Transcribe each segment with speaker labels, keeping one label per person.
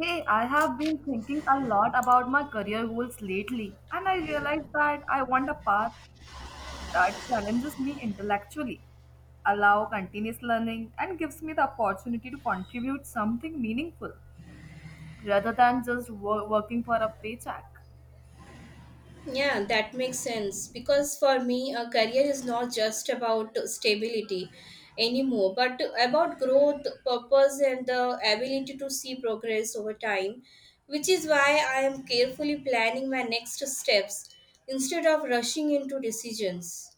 Speaker 1: Hey, I have been thinking a lot about my career goals lately, and I realized that I want a path that challenges me intellectually, allow continuous learning, and gives me the opportunity to contribute something meaningful rather than just working for a paycheck.
Speaker 2: Yeah, that makes sense. Because for me, a career is not just about stability anymore, but about growth, purpose, and the ability to see progress over time, which is why I am carefully planning my next steps instead of rushing into decisions.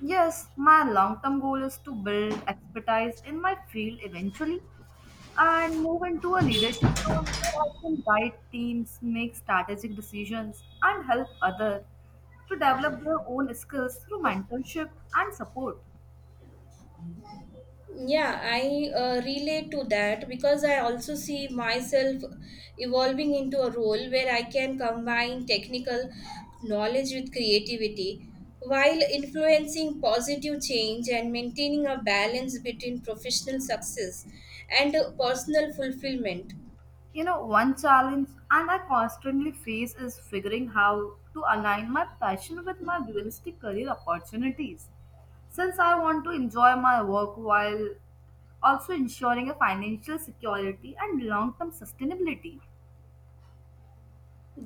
Speaker 1: Yes, my long term goal is to build expertise in my field eventually and move into a leadership role where I can guide teams, make strategic decisions, and help others to develop their own skills through mentorship and support.
Speaker 2: Yeah, I relate to that because I also see myself evolving into a role where I can combine technical knowledge with creativity while influencing positive change and maintaining a balance between professional success and personal fulfillment.
Speaker 1: One challenge and I constantly face is figuring how to align my passion with my realistic career opportunities. Since I want to enjoy my work while also ensuring a financial security and long-term sustainability.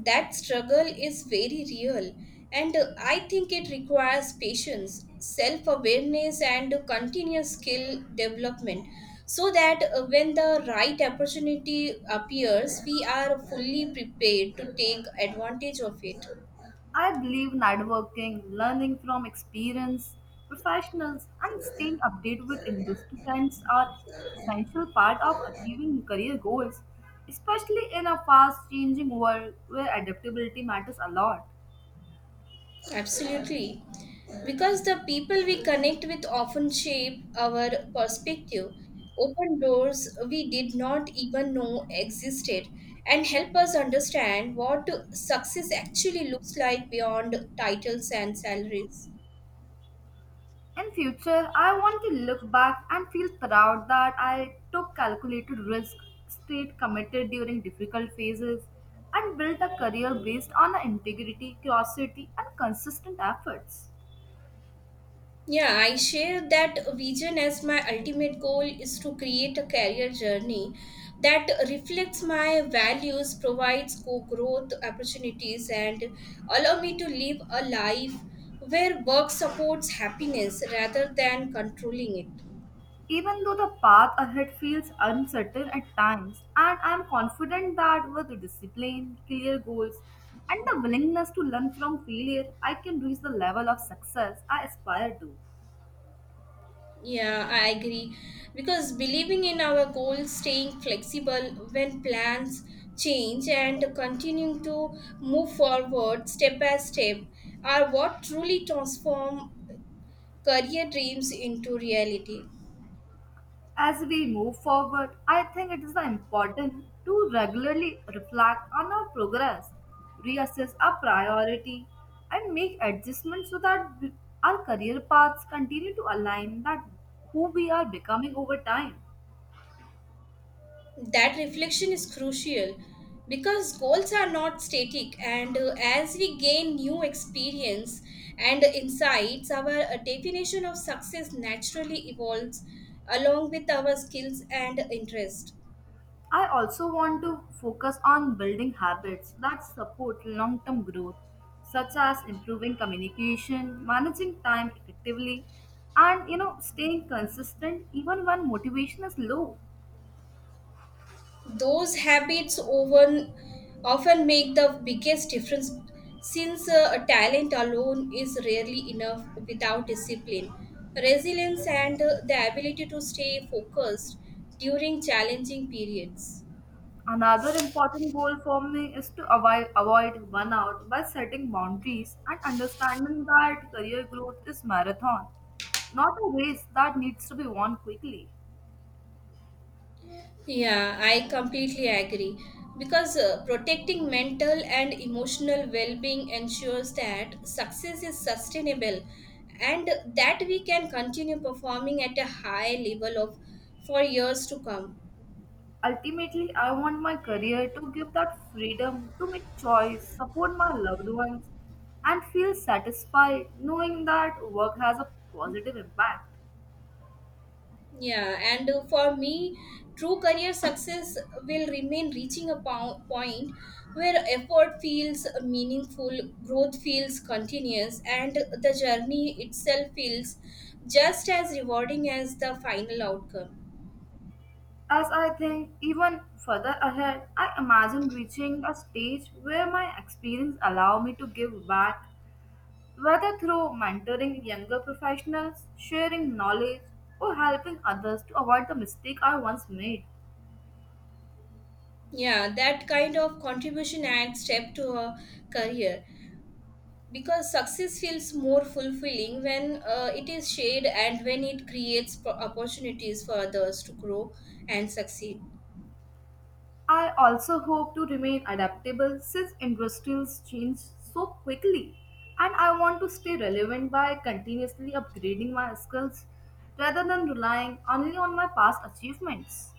Speaker 2: That struggle is very real, and I think it requires patience, self awareness, and continuous skill development so that when the right opportunity appears, we are fully prepared to take advantage of it.
Speaker 1: I believe networking, learning from experienced professionals, and staying updated with industry trends are essential part of achieving career goals, especially in a fast-changing world where adaptability matters a lot.
Speaker 2: Absolutely. Because the people we connect with often shape our perspective, open doors we did not even know existed, and help us understand what success actually looks like beyond titles and salaries.
Speaker 1: In future, I want to look back and feel proud that I took calculated risk, stayed committed during difficult phases, and built a career based on integrity, curiosity, and consistent efforts.
Speaker 2: Yeah, I share that vision as my ultimate goal is to create a career journey that reflects my values, provides co growth opportunities, and allow me to live a life where work supports happiness rather than controlling it.
Speaker 1: Even though the path ahead feels uncertain at times, and I am confident that with discipline, clear goals, and the willingness to learn from failure, I can reach the level of success I aspire to.
Speaker 2: Yeah, I agree. Because believing in our goals, staying flexible when plans change, and continuing to move forward step by step are what truly transform career dreams into reality.
Speaker 1: As we move forward, I think it is important to regularly reflect on our progress, reassess our priority, and make adjustments so that our career paths continue to align that who we are becoming over time.
Speaker 2: That reflection is crucial because goals are not static, and as we gain new experience and insights, our definition of success naturally evolves along with our skills and interest.
Speaker 1: I also want to focus on building habits that support long term growth, such as improving communication, managing time effectively, and staying consistent even when motivation is low.
Speaker 2: Those habits often make the biggest difference since a talent alone is rarely enough without discipline, resilience, and the ability to stay focused during challenging periods.
Speaker 1: Another important goal for me is to avoid burnout by setting boundaries and understanding that career growth is marathon, not a race that needs to be won quickly.
Speaker 2: Yeah, I completely agree because protecting mental and emotional well-being ensures that success is sustainable and that we can continue performing at a high level of for years to come.
Speaker 1: Ultimately, I want my career to give that freedom to make choice, support my loved ones, and feel satisfied knowing that work has a positive impact.
Speaker 2: Yeah, and for me, true career success will remain reaching a point where effort feels meaningful, growth feels continuous, and the journey itself feels just as rewarding as the final outcome.
Speaker 1: As I think even further ahead, I imagine reaching a stage where my experience allow me to give back, whether through mentoring younger professionals, sharing knowledge, or helping others to avoid the mistake I once made.
Speaker 2: Yeah, that kind of contribution adds step to a career because success feels more fulfilling when it is shared and when it creates opportunities for others to grow and succeed.
Speaker 1: I also hope to remain adaptable since industries change so quickly and I want to stay relevant by continuously upgrading my skills rather than relying only on my past achievements.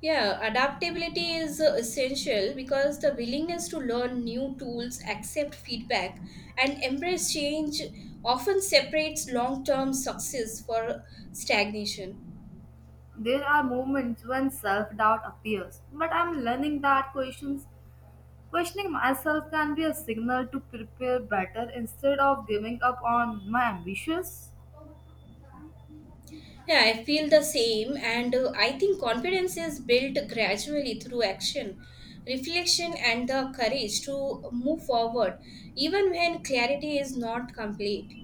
Speaker 2: Yeah, adaptability is essential because the willingness to learn new tools, accept feedback, and embrace change often separates long term success for stagnation.
Speaker 1: There are moments when self doubt appears, but I'm learning that questions questioning myself can be a signal to prepare better instead of giving up on my ambitions.
Speaker 2: Yeah, I feel the same, and I think confidence is built gradually through action, reflection, and the courage to move forward, even when clarity is not complete.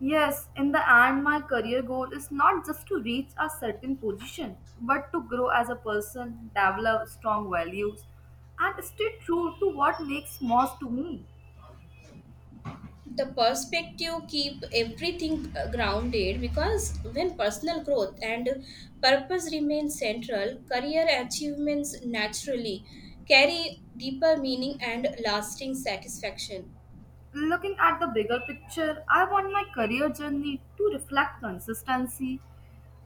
Speaker 1: Yes, in the end, my career goal is not just to reach a certain position, but to grow as a person, develop strong values, and stay true to what makes most to me.
Speaker 2: The perspective keep everything grounded because when personal growth and purpose remain central, career achievements naturally carry deeper meaning and lasting satisfaction.
Speaker 1: Looking at the bigger picture, I want my career journey to reflect consistency,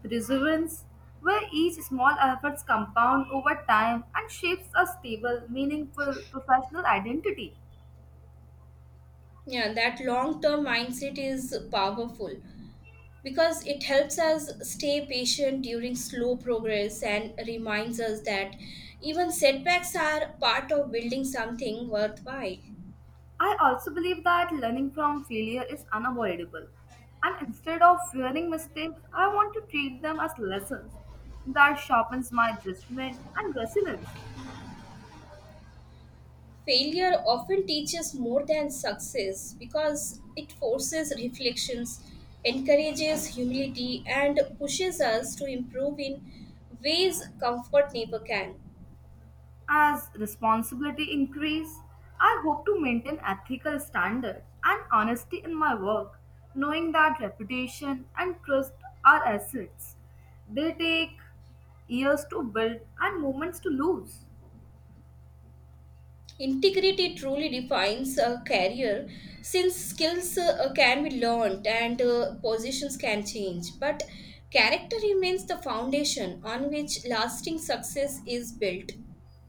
Speaker 1: resonance, where each small efforts compound over time and shapes a stable, meaningful professional identity.
Speaker 2: Yeah, that long term mindset is powerful because it helps us stay patient during slow progress and reminds us that even setbacks are part of building something worthwhile.
Speaker 1: I also believe that learning from failure is unavoidable. And instead of fearing mistakes, I want to treat them as lessons that sharpens my judgment and resilience.
Speaker 2: Failure often teaches more than success because it forces reflections, encourages humility, and pushes us to improve in ways comfort never can.
Speaker 1: As responsibility increase, I hope to maintain ethical standard and honesty in my work, knowing that reputation and trust are assets. They take years to build and moments to lose.
Speaker 2: Integrity truly defines a career since skills can be learned and positions can change, but character remains the foundation on which lasting success is built.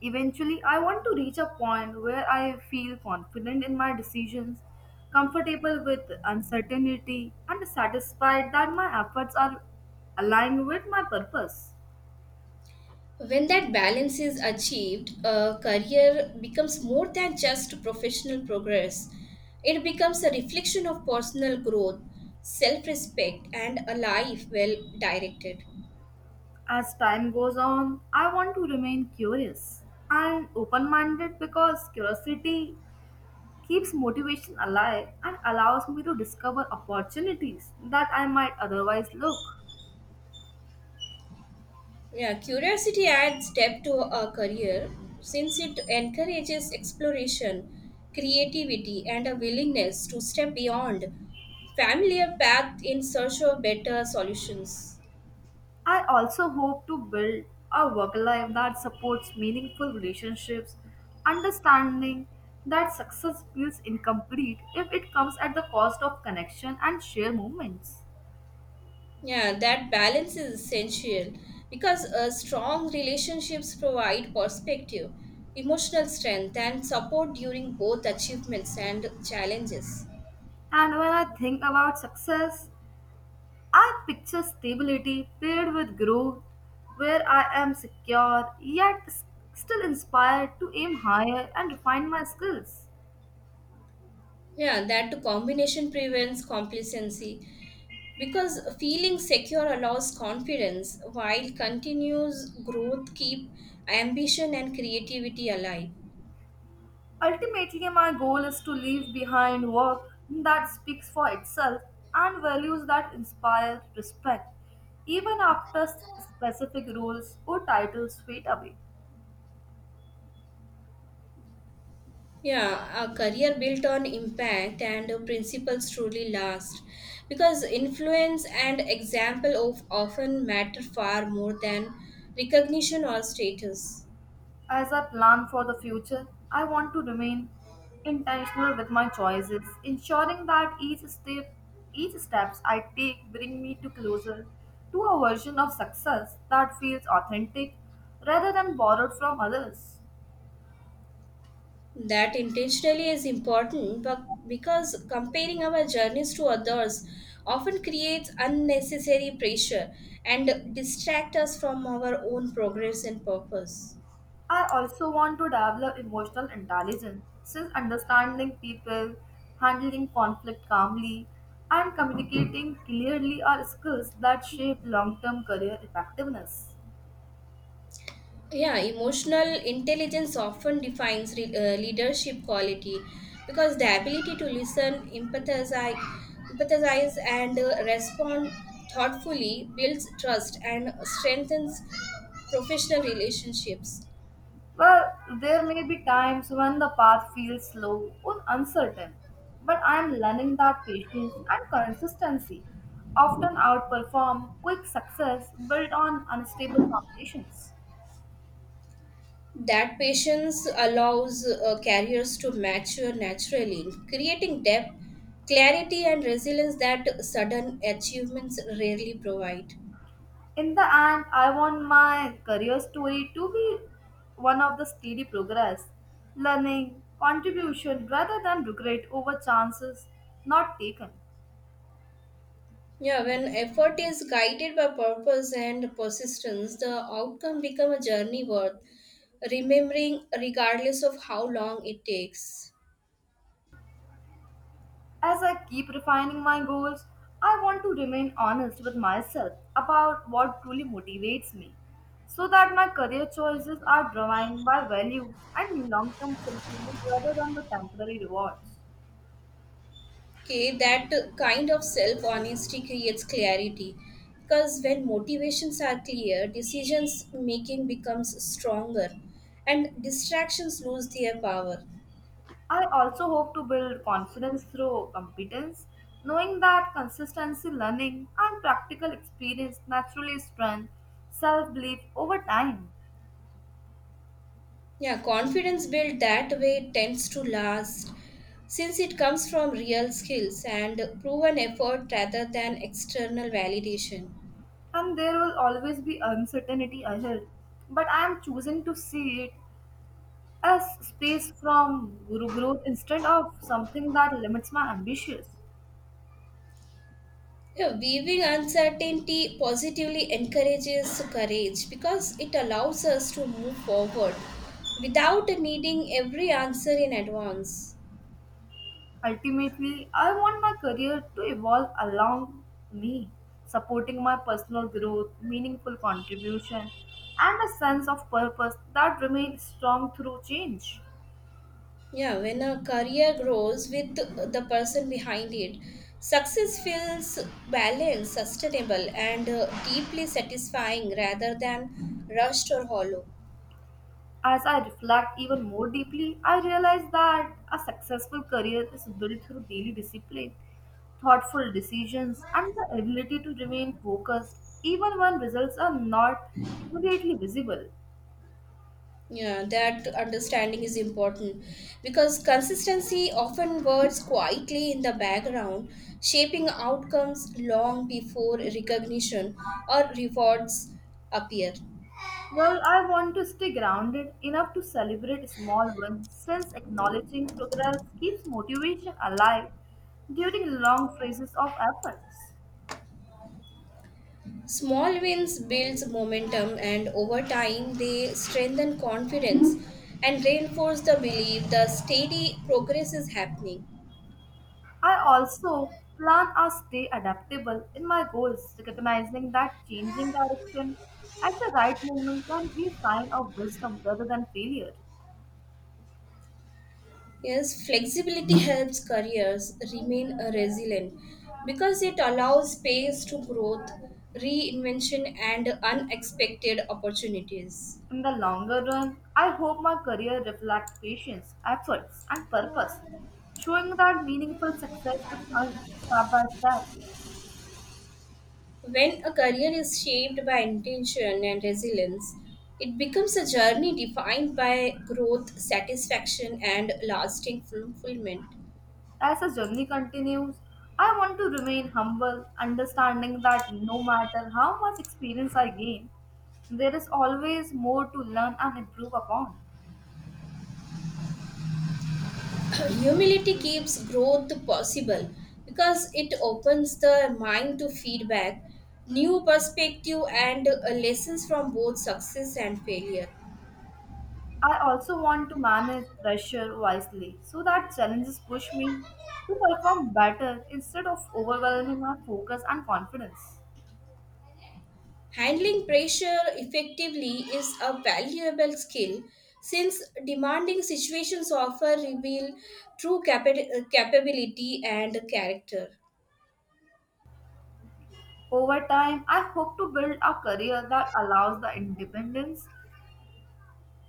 Speaker 1: Eventually, I want to reach a point where I feel confident in my decisions, comfortable with uncertainty, and satisfied that my efforts are aligned with my purpose.
Speaker 2: When that balance is achieved, a career becomes more than just professional progress. It becomes a reflection of personal growth, self respect, and a life well directed.
Speaker 1: As time goes on, I want to remain curious and open minded because curiosity keeps motivation alive and allows me to discover opportunities that I might otherwise look.
Speaker 2: Yeah, curiosity adds depth to a career since it encourages exploration, creativity, and a willingness to step beyond familiar path in search of better solutions.
Speaker 1: I also hope to build a work life that supports meaningful relationships, understanding that success feels incomplete if it comes at the cost of connection and shared moments.
Speaker 2: Yeah, that balance is essential because strong relationships provide perspective, emotional strength, and support during both achievements and challenges.
Speaker 1: And when I think about success, I picture stability paired with growth, where I am secure yet still inspired to aim higher and refine my skills.
Speaker 2: Yeah, that combination prevents complacency because feeling secure allows confidence while continuous growth keep ambition and creativity alive.
Speaker 1: Ultimately, my goal is to leave behind work that speaks for itself and values that inspire respect, even after specific roles or titles fade away.
Speaker 2: Yeah, a career built on impact and principles truly last because influence and example of often matter far more than recognition or status.
Speaker 1: As I plan for the future, I want to remain intentional with my choices, ensuring that each steps I take bring me to closer to a version of success that feels authentic rather than borrowed from others.
Speaker 2: That intentionally is important but because comparing our journeys to others often creates unnecessary pressure and distract us from our own progress and purpose.
Speaker 1: I also want to develop emotional intelligence since understanding people, handling conflict calmly, and communicating clearly are skills that shape long-term career effectiveness.
Speaker 2: Yeah, emotional intelligence often defines leadership quality because the ability to listen, empathize, and respond thoughtfully builds trust and strengthens professional relationships.
Speaker 1: Well, there may be times when the path feels slow or uncertain, but I am learning that patience and consistency often outperform quick success built on unstable foundations.
Speaker 2: That patience allows careers to mature naturally, creating depth, clarity, and resilience that sudden achievements rarely provide.
Speaker 1: In the end, I want my career story to be one of the steady progress, learning, contribution rather than regret over chances not taken.
Speaker 2: Yeah, when effort is guided by purpose and persistence, the outcome become a journey worth remembering regardless of how long it takes.
Speaker 1: As I keep refining my goals, I want to remain honest with myself about what truly motivates me so that my career choices are driven by values and long term fulfillment rather than the temporary rewards.
Speaker 2: Okay, that kind of self-honesty creates clarity because when motivations are clear, decisions making becomes stronger and distractions lose their power.
Speaker 1: I also hope to build confidence through competence, knowing that consistency, learning, and practical experience naturally strengthen self belief over time.
Speaker 2: Yeah, confidence built that way tends to last since it comes from real skills and proven effort rather than external validation.
Speaker 1: And there will always be uncertainty ahead, but I am choosing to see it as space from guru growth instead of something that limits my ambitions.
Speaker 2: Yeah, weaving uncertainty positively encourages courage because it allows us to move forward without needing every answer in advance.
Speaker 1: Ultimately, I want my career to evolve along me, supporting my personal growth, meaningful contribution, and a sense of purpose that remains strong through change.
Speaker 2: Yeah, when a career grows with the person behind it, success feels balanced, sustainable, and deeply satisfying rather than rushed or hollow.
Speaker 1: As I reflect even more deeply, I realize that a successful career is built through daily discipline, thoughtful decisions, and the ability to remain focused even when results are not immediately visible.
Speaker 2: Yeah, that understanding is important because consistency often works quietly in the background, shaping outcomes long before recognition or rewards appear.
Speaker 1: Well, I want to stay grounded enough to celebrate small wins since acknowledging progress keeps motivation alive during long phases of efforts.
Speaker 2: Small wins builds momentum, and over time they strengthen confidence and reinforce the belief that steady progress is happening.
Speaker 1: I also plan or stay adaptable in my goals, recognizing that changing direction at the right moment can be a sign of wisdom rather than failure.
Speaker 2: Yes, flexibility helps careers remain resilient because it allows space to growth, reinvention, and unexpected opportunities.
Speaker 1: In the longer run, I hope my career reflects patience, efforts, and purpose, showing that meaningful success is earned step by step.
Speaker 2: When a career is shaped by intention and resilience, it becomes a journey defined by growth, satisfaction, and lasting fulfillment.
Speaker 1: As the journey continues, I want to remain humble, understanding that no matter how much experience I gain, there is always more to learn and improve upon.
Speaker 2: Humility keeps growth possible because it opens the mind to feedback, new perspective, and lessons from both success and failure.
Speaker 1: I also want to manage pressure wisely so that challenges push me to perform better instead of overwhelming my focus and confidence.
Speaker 2: Handling pressure effectively is a valuable skill since demanding situations often reveal true capability and character.
Speaker 1: Over time, I hope to build a career that allows the independence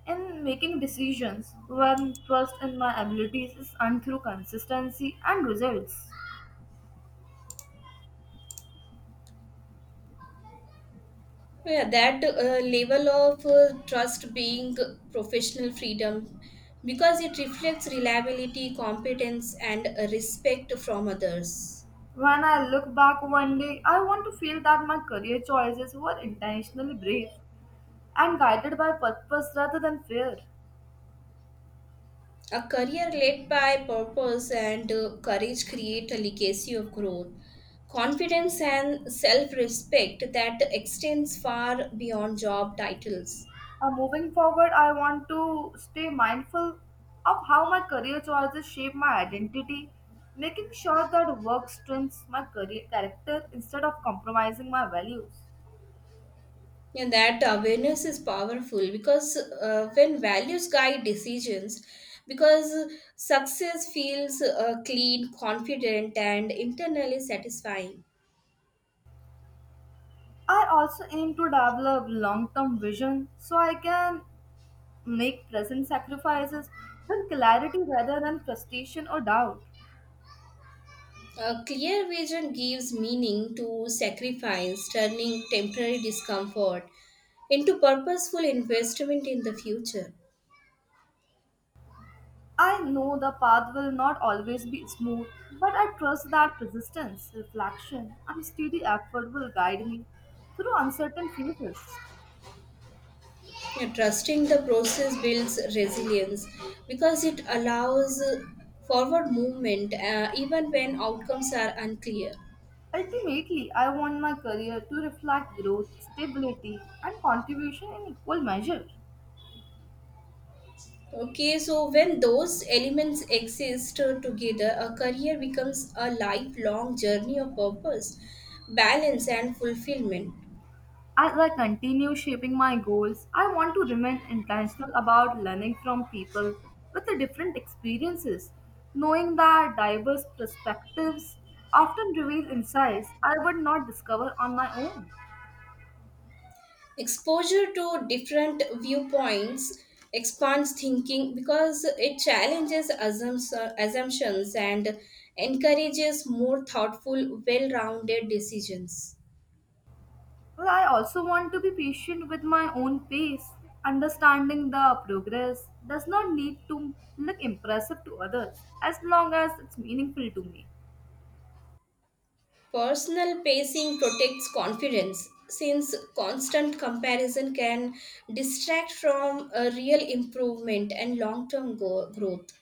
Speaker 1: in making decisions when trust in my abilities is earned through consistency and results.
Speaker 2: Yeah, that level of trust being professional freedom because it reflects reliability, competence, and respect from others.
Speaker 1: When I look back one day, I want to feel that my career choices were intentionally brave and guided by purpose rather than fear.
Speaker 2: A career led by purpose and courage create a legacy of growth, confidence, and self respect that extends far beyond job titles.
Speaker 1: Moving forward, I want to stay mindful of how my career choices shape my identity, making sure that work strengthens my career character instead of compromising my values.
Speaker 2: And that awareness is powerful because when values guide decisions, because success feels clean, confident, and internally satisfying.
Speaker 1: I also aim to develop long term vision so I can make present sacrifices with clarity rather than frustration or doubt.
Speaker 2: A clear vision gives meaning to sacrifice, turning temporary discomfort into purposeful investment in the future.
Speaker 1: I know the path will not always be smooth, but I trust that persistence, reflection, and steady effort will guide me through uncertain phases.
Speaker 2: And trusting the process builds resilience because it allows forward movement even when outcomes are unclear.
Speaker 1: Ultimately, I want my career to reflect growth, stability, and contribution in equal measure.
Speaker 2: Okay, so when those elements exist together, a career becomes a lifelong journey of purpose, balance, and fulfillment.
Speaker 1: Continue shaping my goals, I want to remain intentional about learning from people with the different experiences, knowing that diverse perspectives often reveal insights I would not discover on my own.
Speaker 2: Exposure to different viewpoints expands thinking because it challenges assumptions and encourages more thoughtful, well rounded decisions.
Speaker 1: Well, I also want to be patient with my own pace. Understanding the progress does not need to look impressive to others as long as it's meaningful to me.
Speaker 2: Personal pacing protects confidence since constant comparison can distract from a real improvement and long term growth.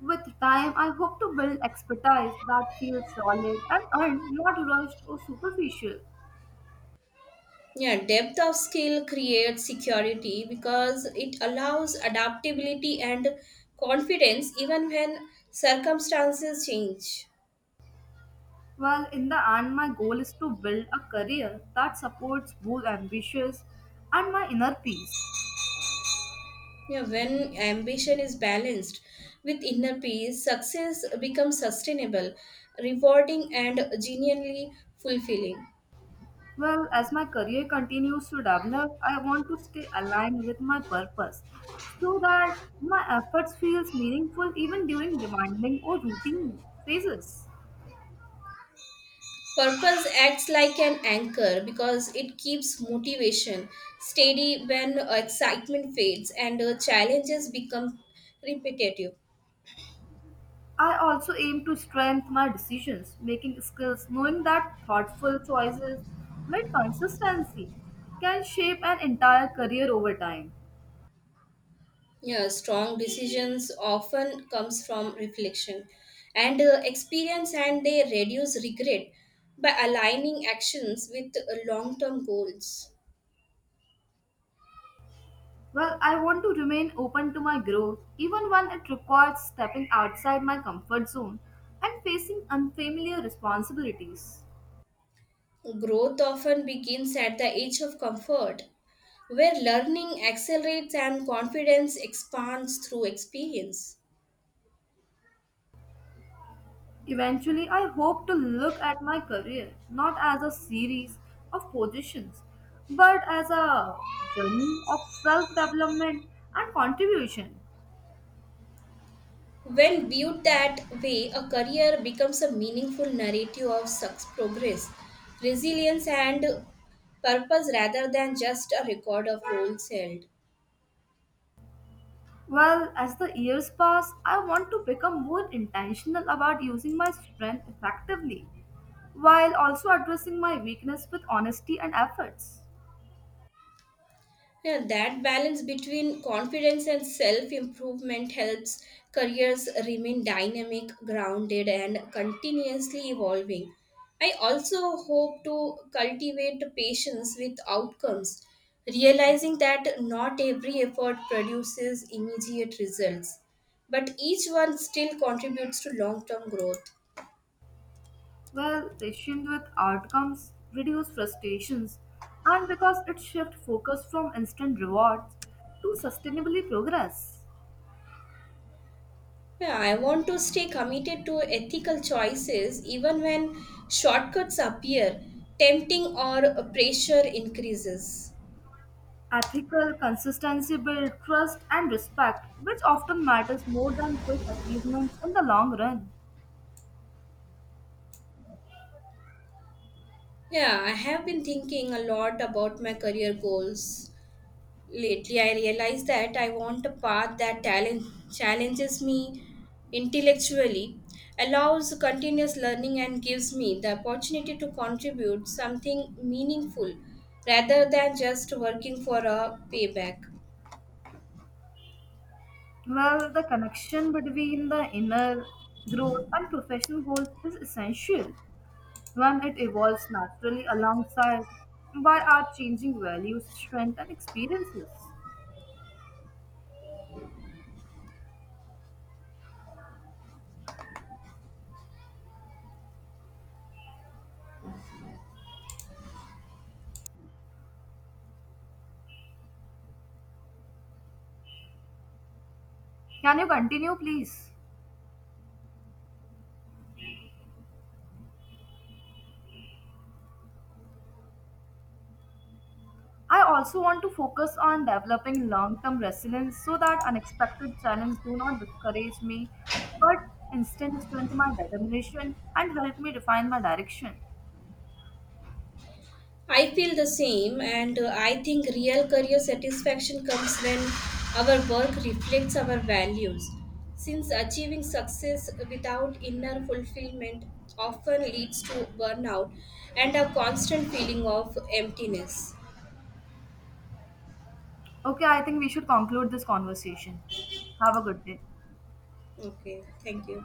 Speaker 1: With time, I hope to build expertise that feels solid and earned, not rushed or superficial.
Speaker 2: Yeah, depth of skill creates security because it allows adaptability and confidence even when circumstances change.
Speaker 1: Well, in the end, my goal is to build a career that supports both ambitions and my inner peace.
Speaker 2: Yeah, when ambition is balanced with inner peace, success becomes sustainable, rewarding, and genuinely fulfilling.
Speaker 1: Well, as my career continues to develop, I want to stay aligned with my purpose so that my efforts feels meaningful even during demanding or routine phases.
Speaker 2: Purpose acts like an anchor because it keeps motivation steady when excitement fades and challenges become repetitive.
Speaker 1: I also aim to strengthen my decisions making skills, knowing that thoughtful choices with consistency can shape an entire career over time.
Speaker 2: Yeah, strong decisions often comes from reflection and experience, and they reduce regret by aligning actions with long-term goals.
Speaker 1: Well, I want to remain open to my growth, even when it requires stepping outside my comfort zone and facing unfamiliar responsibilities.
Speaker 2: Growth often begins at the edge of comfort where learning accelerates and confidence expands through experience.
Speaker 1: Eventually, I hope to look at my career not as a series of positions, but as a journey of self development and contribution.
Speaker 2: When viewed that way, a career becomes a meaningful narrative of success, progress, resilience, and purpose rather than just a record of roles held.
Speaker 1: Well, as the years pass, I want to become more intentional about using my strength effectively while also addressing my weakness with honesty and efforts.
Speaker 2: Yeah, that balance between confidence and self improvement helps careers remain dynamic, grounded, and continuously evolving. I also hope to cultivate patience with outcomes, realizing that not every effort produces immediate results, but each one still contributes to long term growth.
Speaker 1: Well, patient with outcomes, reduce frustrations, and because it shifts focus from instant rewards to sustainably progress.
Speaker 2: Yeah, I want to stay committed to ethical choices even when shortcuts appear, tempting or pressure increases.
Speaker 1: Ethical consistency build trust and respect, which often matters more than quick achievements in the long run.
Speaker 2: Yeah, I have been thinking a lot about my career goals. Lately, I realized that I want a path that talent challenges me intellectually, allows continuous learning, and gives me the opportunity to contribute something meaningful rather than just working for a payback.
Speaker 1: Well, the connection between the inner growth and professional goals is essential when it evolves naturally alongside by our changing values, strength, and experiences. Can you continue, please? I also want to focus on developing long term resilience so that unexpected challenges do not discourage me but instead strengthen my determination and help me define my direction.
Speaker 2: I feel the same, and I think real career satisfaction comes when our work reflects our values. Since achieving success without inner fulfillment often leads to burnout and a constant feeling of emptiness.
Speaker 1: Okay, I think we should conclude this conversation. Have a good day.
Speaker 2: Okay, thank you.